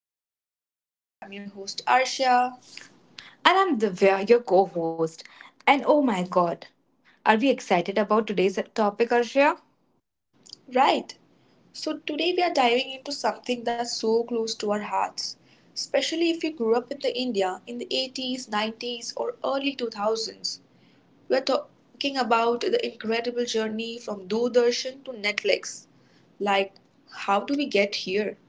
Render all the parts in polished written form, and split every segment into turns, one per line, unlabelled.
to another episode. I'm your host
And
Arsha.
I'm Divya, your co host. And oh my god, are we excited about today's topic, Arshia?
Right. So today we are diving into something that's so close to our hearts, especially if you grew up in the India in the 80s, 90s or early 2000s. We're talking about the incredible journey from Doordarshan to Netflix. Like how do we get here?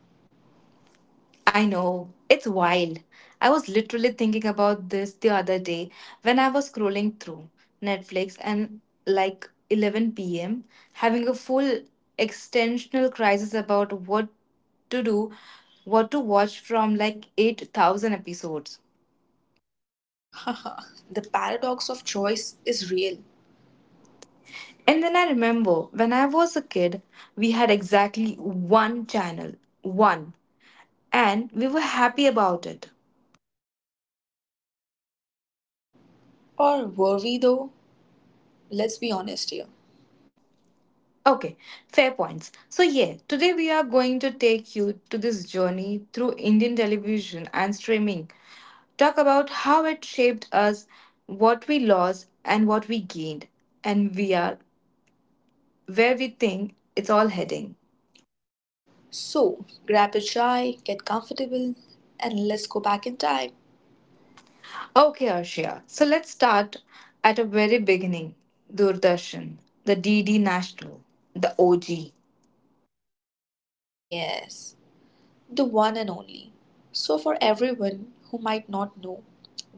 I know, it's wild. I was literally thinking about this the other day when I was scrolling through Netflix and like 11 p.m., having a full extensional crisis about what to do, what to watch from like 8,000 episodes.
The paradox of choice is real.
And then I remember when I was a kid, we had exactly one channel. One. And we were happy about it.
Or were we though? Let's be honest here.
Okay, fair points. So, yeah, today we are going to take you to this journey through Indian television and streaming, talk about how it shaped us, what we lost, and what we gained, and we are where we think it's all heading.
So, grab a chai, get comfortable, and let's go back in time.
Okay, Arshia, so let's start at a very beginning, Doordarshan, the DD National, the OG.
Yes, the one and only. So, for everyone who might not know,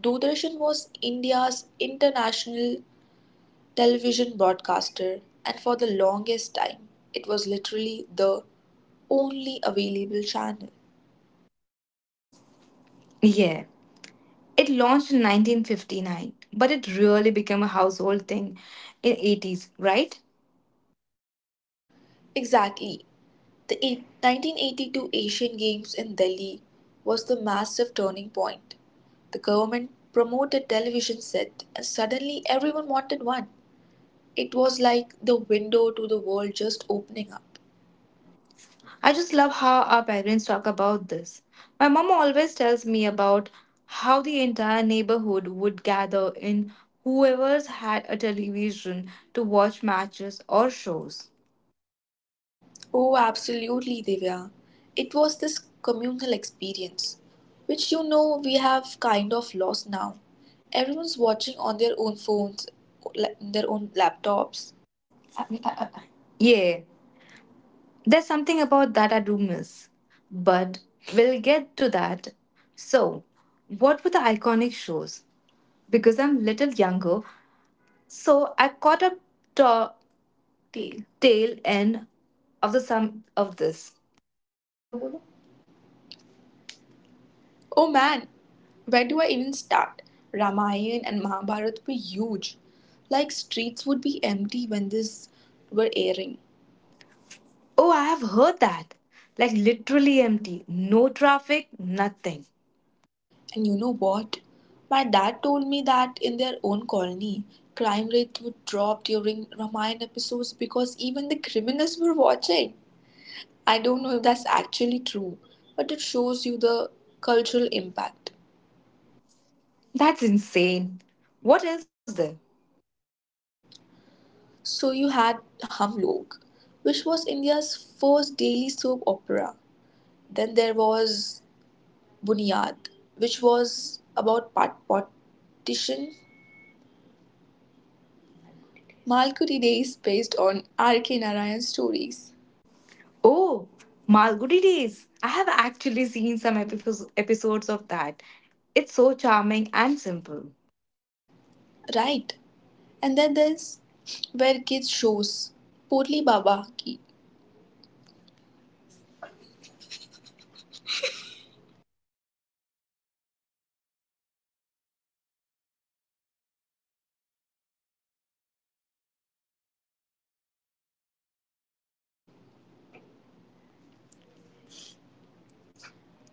Doordarshan was India's international television broadcaster, and for the longest time, it was literally the only available channel.
Yeah. It launched in 1959, but it really became a household thing in 80s, right?
Exactly. The 1982 Asian Games in Delhi was the massive turning point. The government promoted television set and suddenly everyone wanted one. It was like the window to the world just opening up.
I just love how our parents talk about this. My mom always tells me about how the entire neighborhood would gather in whoever's had a television to watch matches or shows.
Oh, absolutely, Divya. It was this communal experience, which we have kind of lost now. Everyone's watching on their own phones, their own laptops.
Yeah, there's something about that I do miss. But we'll get to that. So, what were the iconic shows? Because I'm little younger, so I caught a to the tail end of the sum of this.
Oh man, where do I even start? Ramayana and Mahabharata were huge. Like streets would be empty when this were airing.
Oh, I have heard that. Like literally empty, no traffic, nothing.
And you know what? My dad told me that in their own colony, crime rates would drop during Ramayana episodes because even the criminals were watching. I don't know if that's actually true, but it shows you the cultural impact.
That's insane. What else was there?
So you had Hum Log, which was India's first daily soap opera. Then there was Bunyad, which was about partition. Malkuri Day is based on R.K. Narayan's stories.
Oh, Malgudi Days. I have actually seen some episodes of that. It's so charming and simple.
Right. And then there's Where Kids Shows, Potli Baba Ki,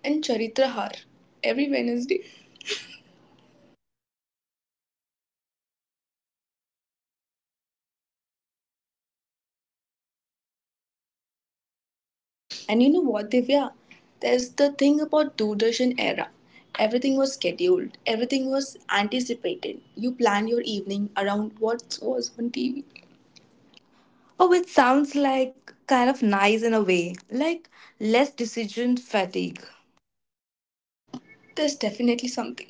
and Charitrahar every Wednesday. And you know what, Divya? There's the thing about Doordarshan era. Everything was scheduled. Everything was anticipated. You planned your evening around what was on TV.
Oh, it sounds like kind of nice in a way, like less decision fatigue.
There's definitely something.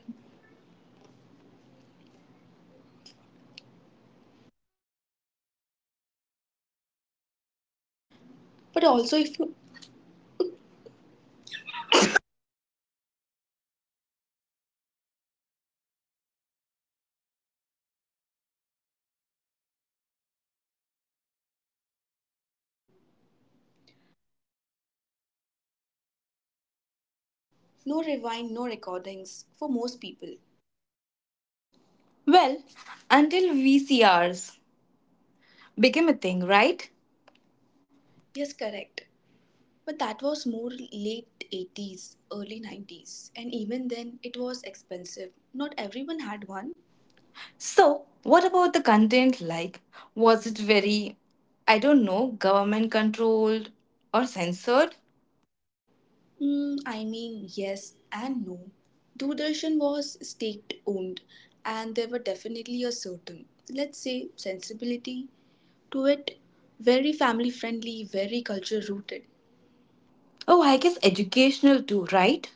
But also, if you no rewind, no recordings for most people.
Well, until we see became a thing, right?
Yes, correct. But that was more late 80s, early 90s. And even then, it was expensive. Not everyone had one.
So, what about the content like? Was it very, I don't know, government controlled or censored?
I mean, yes and no. Doordarshan was state owned, and there were definitely a certain, let's say, sensibility to it. Very family friendly, very culture rooted.
Oh, I guess educational too, right?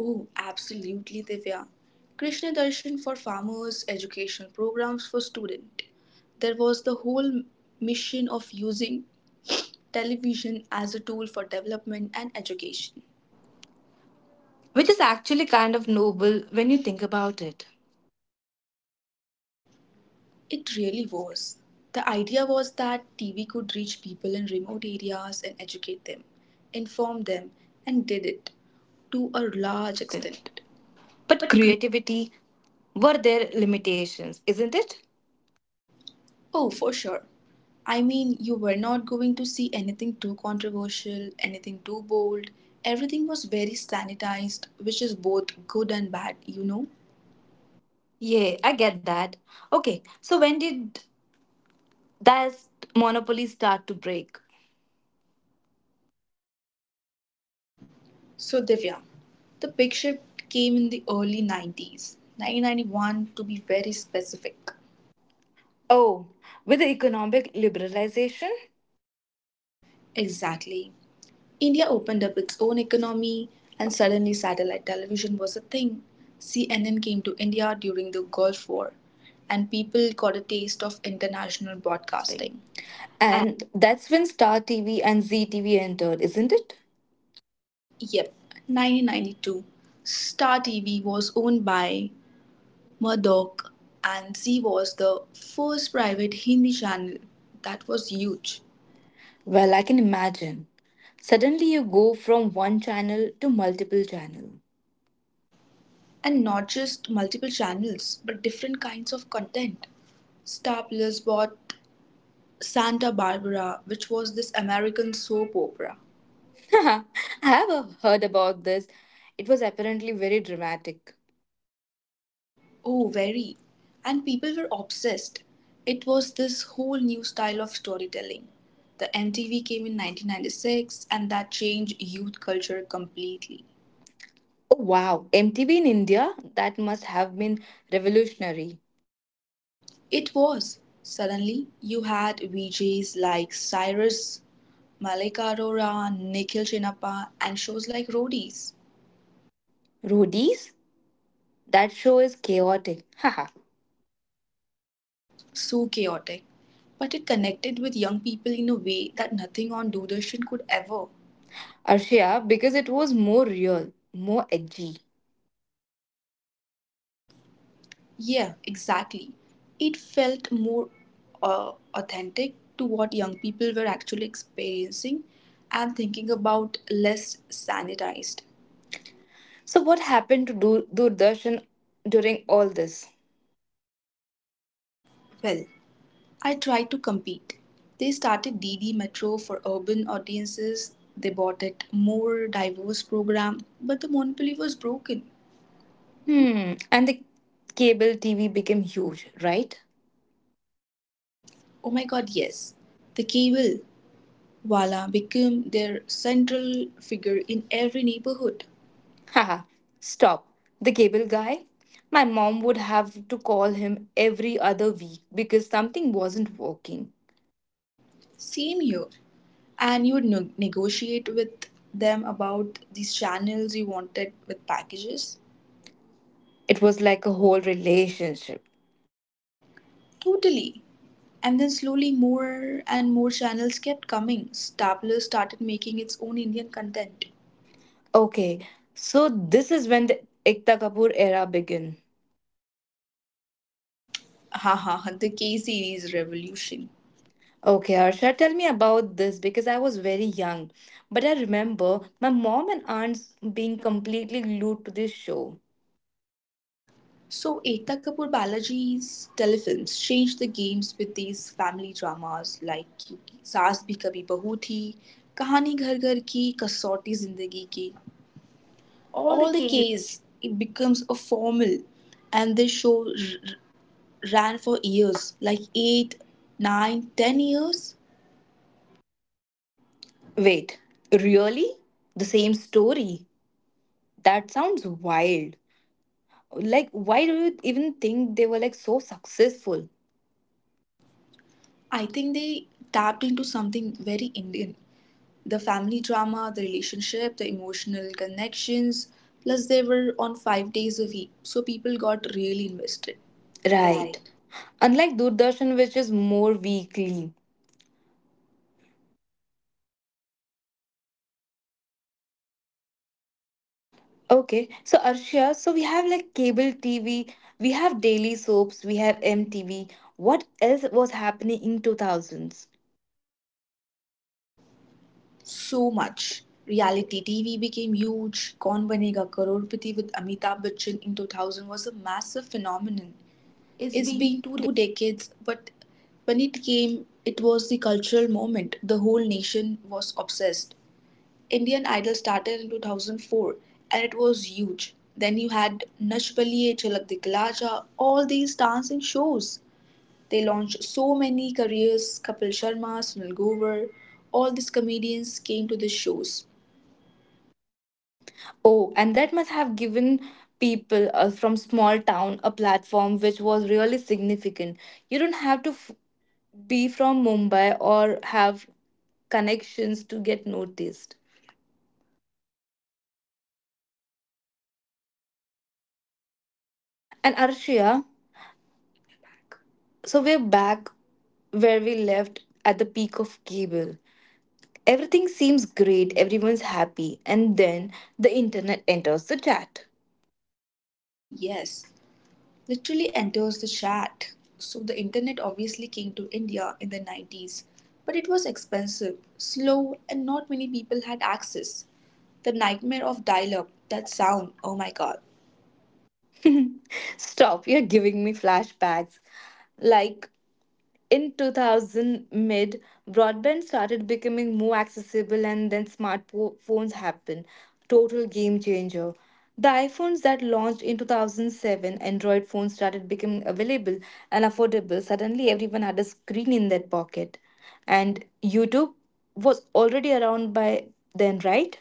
Oh, absolutely, Divya. Krishna Darshan for farmers, educational programs for students. There was the whole mission of using television as a tool for development and education.
Which is actually kind of noble when you think about it.
It really was. The idea was that TV could reach people in remote areas and educate them, inform them, and did it to a large
Extent.
extent.
But creativity, were there limitations, isn't it?
Oh, for sure. I mean, you were not going to see anything too controversial, anything too bold. Everything was very sanitized, which is both good and bad.
Yeah, I get that. Okay, so when did that monopoly start to break?
So, Divya, the big shift came in the early 90s, 1991 to be very specific.
Oh, with the economic liberalization?
Exactly. India opened up its own economy, and suddenly satellite television was a thing. CNN came to India during the Gulf War, and people got a taste of international
Casting.
broadcasting.
And that's when Star TV and ZTV entered, isn't it?
Yep, 1992. Star TV was owned by Murdoch, and Z was the first private Hindi channel. That was huge.
Well, I can imagine. Suddenly you go from one channel to multiple channel.
And not just multiple channels, but different kinds of content. Star Plus bought Santa Barbara, which was this American soap opera.
I have heard about this. It was apparently very dramatic.
Oh, very. And people were obsessed. It was this whole new style of storytelling. The MTV came in 1996 and that changed youth culture completely.
Oh wow, MTV in India? That must have been revolutionary.
It was. Suddenly, you had VJs like Cyrus, Malika Arora, Nikhil Chinappa, and shows like Roadies.
Roadies? That show is chaotic. Haha.
So chaotic. But it connected with young people in a way that nothing on Doordarshan could ever.
Arshia, because it was more real, more edgy.
Yeah, exactly. It felt more authentic to what young people were actually experiencing and thinking about less sanitized.
So what happened to Doordarshan during all this?
Well, I tried to compete. They started DD Metro for urban audiences. They bought it more diverse program, but the monopoly was broken.
Hmm, and the cable TV became huge, right?
Oh my god, yes. The cable wala became their central figure in every neighborhood.
Haha, stop. The cable guy? My mom would have to call him every other week because something wasn't working.
Same here. And you would negotiate with them about these channels you wanted with packages?
It was like a whole relationship.
Totally. And then slowly more and more channels kept coming. Stapler started making its own Indian content.
Okay, so this is when the Ekta Kapoor era began.
Haha, the K series revolution.
Okay, Harsha, tell me about this because I was very young, but I remember my mom and aunts being completely glued to this show.
So Ekta Kapoor Balaji's telefilms changed the games with these family dramas like Saas Bhi Kabhi Bahu Thi, Kahani Ghar Ghar Ki, Kasauti Zindagi Ki.
All the
All the
cases.
case it becomes a formal, and this show ran for years like 8, 9, 10 years.
Wait, really? The same story? That sounds wild. Like, why do you even think they were like so successful?
I think they tapped into something very Indian, the family drama, the relationship, the emotional connections. Plus they were on 5 days a week, so people got really invested.
Right.
Right.
Unlike Doordarshan, which is more weekly. Okay, so Arshia, so we have like cable TV, we have daily soaps, we have MTV. What else was happening in 2000s?
So much. Reality TV became huge. Kaun Banega Crorepati with Amitabh Bachchan in 2000 was a massive phenomenon.
It's
It's
been
been
2 days.
2 decades, but when it came, it was the cultural moment. The whole nation was obsessed. Indian Idol started in 2004 and it was huge. Then you had Nach Baliye, Chalak Dikla Ja, all these dancing shows. They launched so many careers, Kapil Sharma, Sunil Grover, all these comedians came to the shows.
Oh, and that must have given people from small town a platform which was really significant. You don't have to be from Mumbai or have connections to get noticed. And Arshia, so we're back where we left at the peak of cable. Everything seems great, everyone's happy, and then the internet enters the chat.
Yes, literally enters the chat. So the internet obviously came to India in the 90s, but it was expensive, slow, and not many people had access. The nightmare of dial up, that sound, oh my god.
Stop, you're giving me flashbacks. Like in 2000 mid, broadband started becoming more accessible, and then smartphones happened. Total game changer. The iphones that launched in 2007, android phones started becoming available and affordable. Suddenly everyone had a screen in their pocket. And youtube was already around by then, right?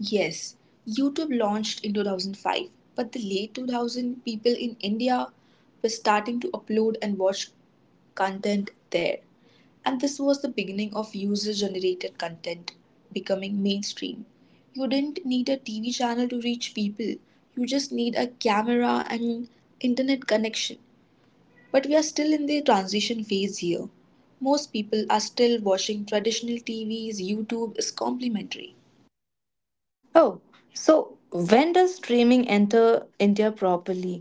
Yes, YouTube launched in 2005, but the late 2000 people in India were starting to upload and watch content there. And this was the beginning of user generated content becoming mainstream. You didn't need a TV channel to reach people, you just need a camera and internet connection. But we are still in the transition phase here. Most people are still watching traditional TVs, YouTube is complementary.
Oh, so when does streaming enter india properly?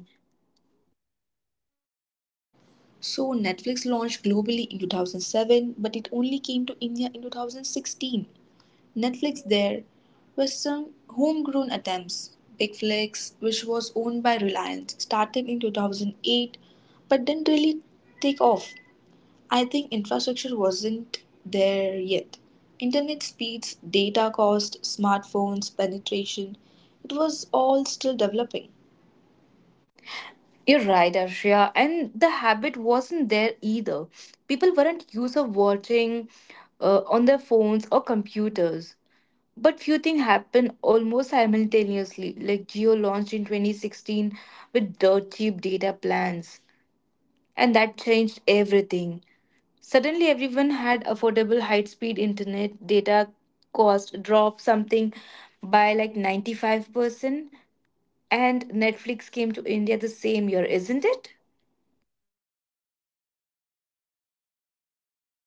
So Netflix launched globally in 2007, but it only came to India in 2016. Netflix there were some homegrown attempts. Bigflix, which was owned by Reliance, started in 2008 but didn't really take off. I think infrastructure wasn't there yet. Internet speeds, data cost, smartphones, penetration, it was all still developing.
You're right, Arshia. And the habit wasn't there either. People weren't used of watching on their phones or computers. But few things happened almost simultaneously, like Geo launched in 2016 with dirt cheap data plans. And that changed everything. Suddenly, everyone had affordable high speed internet, data cost dropped something by like 95%, and Netflix came to India the same year, isn't it?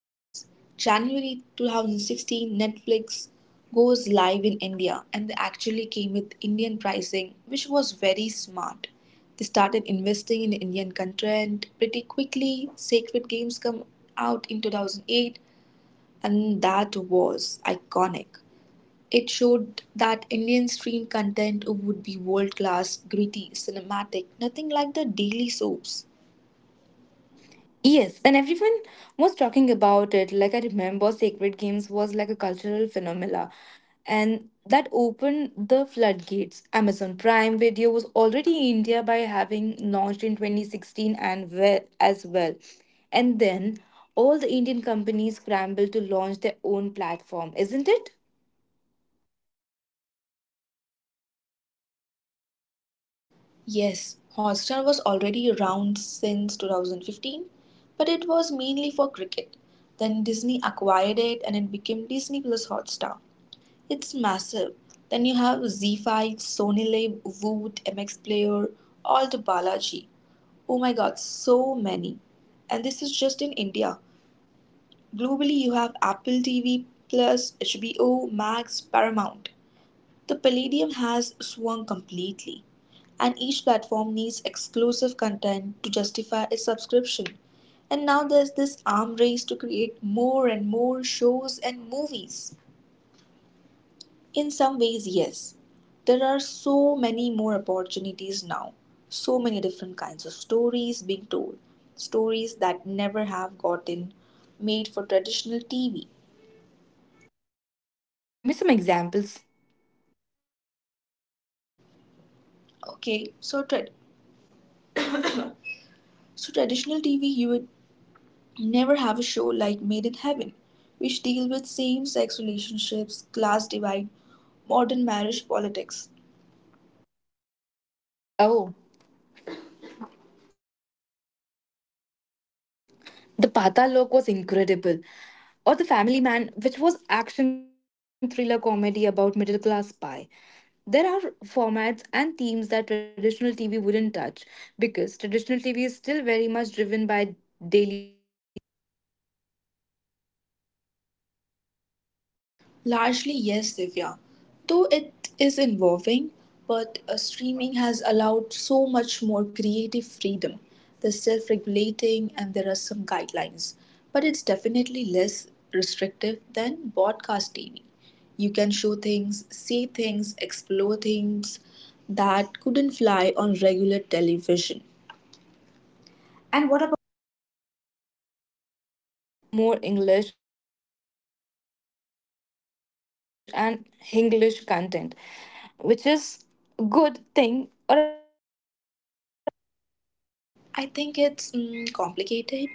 Yes, January 2016, Netflix goes live in India and they actually came with Indian pricing, which was very smart. They started investing in Indian content pretty quickly. Sacred Games come out in 2008 and that was iconic. It showed that Indian stream content would be world class, gritty, cinematic, nothing like the daily soaps.
Yes, and everyone was talking about it. Like I remember Sacred Games was like a cultural phenomena and that opened the floodgates. Amazon Prime Video was already in India by having launched in 2016 and well, as well. And then all the Indian companies scrambled to launch their own platform, isn't it?
Yes, Hotstar was already around since 2015, but it was mainly for cricket. Then Disney acquired it and it became Disney Plus Hotstar. It's massive. Then you have Z5, Sony Lib, Voot, MX Player, all the Balaji. Oh my god, so many. And this is just in India. Globally, you have Apple TV Plus, HBO, Max, Paramount. The Palladium has swung completely, and each platform needs exclusive content to justify a subscription. And now there's this arm race to create more and more shows and movies. In some ways, yes, there are so many more opportunities now, so many different kinds of stories being told, stories that never have gotten made for traditional TV.
Oh, Harshia, give me some examples.
Okay, so, so traditional TV, you would never have a show like Made in Heaven, which deal with same-sex relationships, class divide, modern marriage politics.
Oh. The Patal Lok was incredible. Or The Family Man, which was action thriller comedy about middle class spy. There are formats and themes that traditional TV wouldn't touch because traditional TV is still very much driven by daily soap formula. Isn't it, Arshia?
Largely, yes, Divya. Though it is involving, but streaming has allowed so much more creative freedom. They're self regulating and there are some guidelines, but it's definitely less restrictive than broadcast TV. You can show things, see things, explore things that couldn't fly on regular television.
And what about the language? I feel like streaming has a lot more English and Hinglish content, which is a good thing or a bad thing.
I think it's complicated.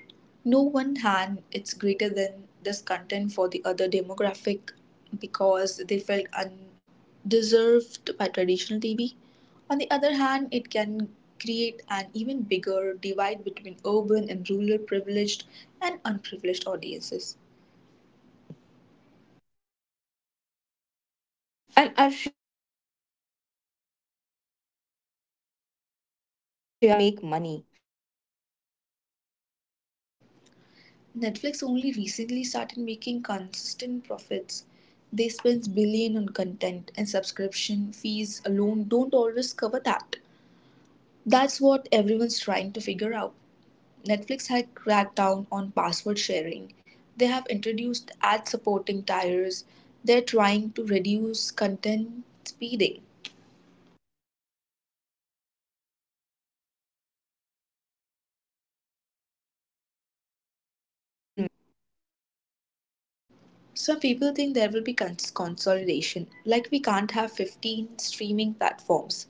No one hand, it's greater than this content for the other demographic because they felt undeserved by traditional TV. On the other hand, it can create an even bigger divide between urban and rural privileged and unprivileged audiences.
And Arshia, what about the business model? How do you, these platforms make money?
Netflix only recently started making consistent profits. They spend billion on content and subscription fees alone don't always cover that. That's what everyone's trying to figure out. Netflix has cracked down on password sharing. They have introduced ad supporting tiers. They're trying to reduce content speeding.
Oh, right, the password sharing thing that made everyone mad. And what about other platforms?
Some people think there will be consolidation, like we can't have 15 streaming platforms.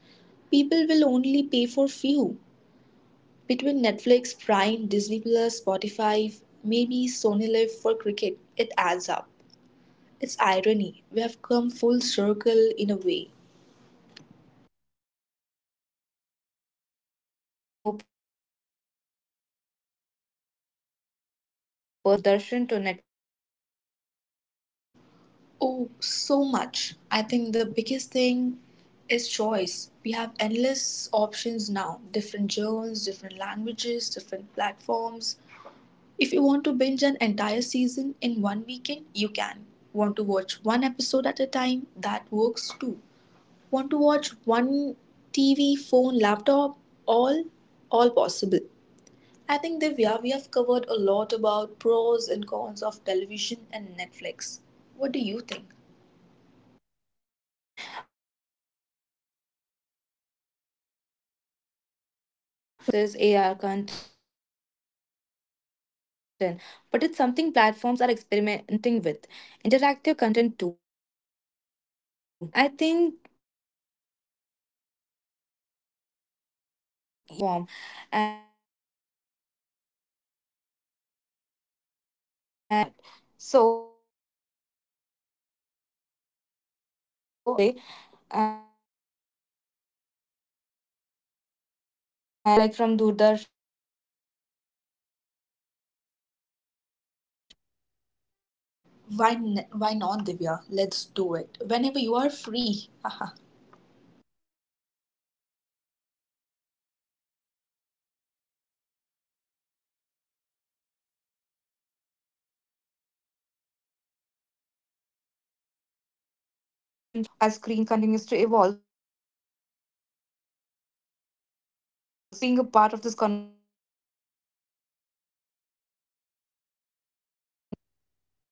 People will only pay for few. Between Netflix, Prime, Disney Plus, Spotify, maybe Sony Live for cricket, it adds up. It's irony. We have come full circle in a way.
Okay, so let's talk about this transition one more personal level. What have we gained from this shift from Doordarshan to Netflix?
Oh, so much. I think the biggest thing is choice. We have endless options now different genres, different languages, different platforms. If you want to binge an entire season in one weekend, you can. Want to watch one episode at a time? That works too. Want to watch one TV, phone, laptop? All, all possible. I think Divya, we have covered a lot about pros and cons of television and Netflix. What do you think?
Well, Arshia, I think it's far from mainstream versus AR content, but it's something platforms are experimenting with. Interactive content too, like Black Mirror, Bandersnatch, and I think you can just choose like one platform and gaming and streaming might even convey about that. So, with that, Arshay, I believe that we have covered a lot today, and we can just do like one more episode on the same, like from Doordarshan to Netflix.
Why, why not, Divya? Let's do it whenever you are free.
Sure, Arshia. Our screen journey reminds us that change is constant from Doordarshan's simple broadcast to Netflix global storytelling. What remains unchanged is the power of stories to connect us. As screen continues to evolve, so will the way of experience them. Thank you for being a part of this conversation. See you all in the next episode. I'm your co-host Divya.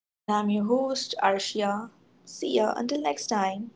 And I'm your host, Arshia. See ya until next time.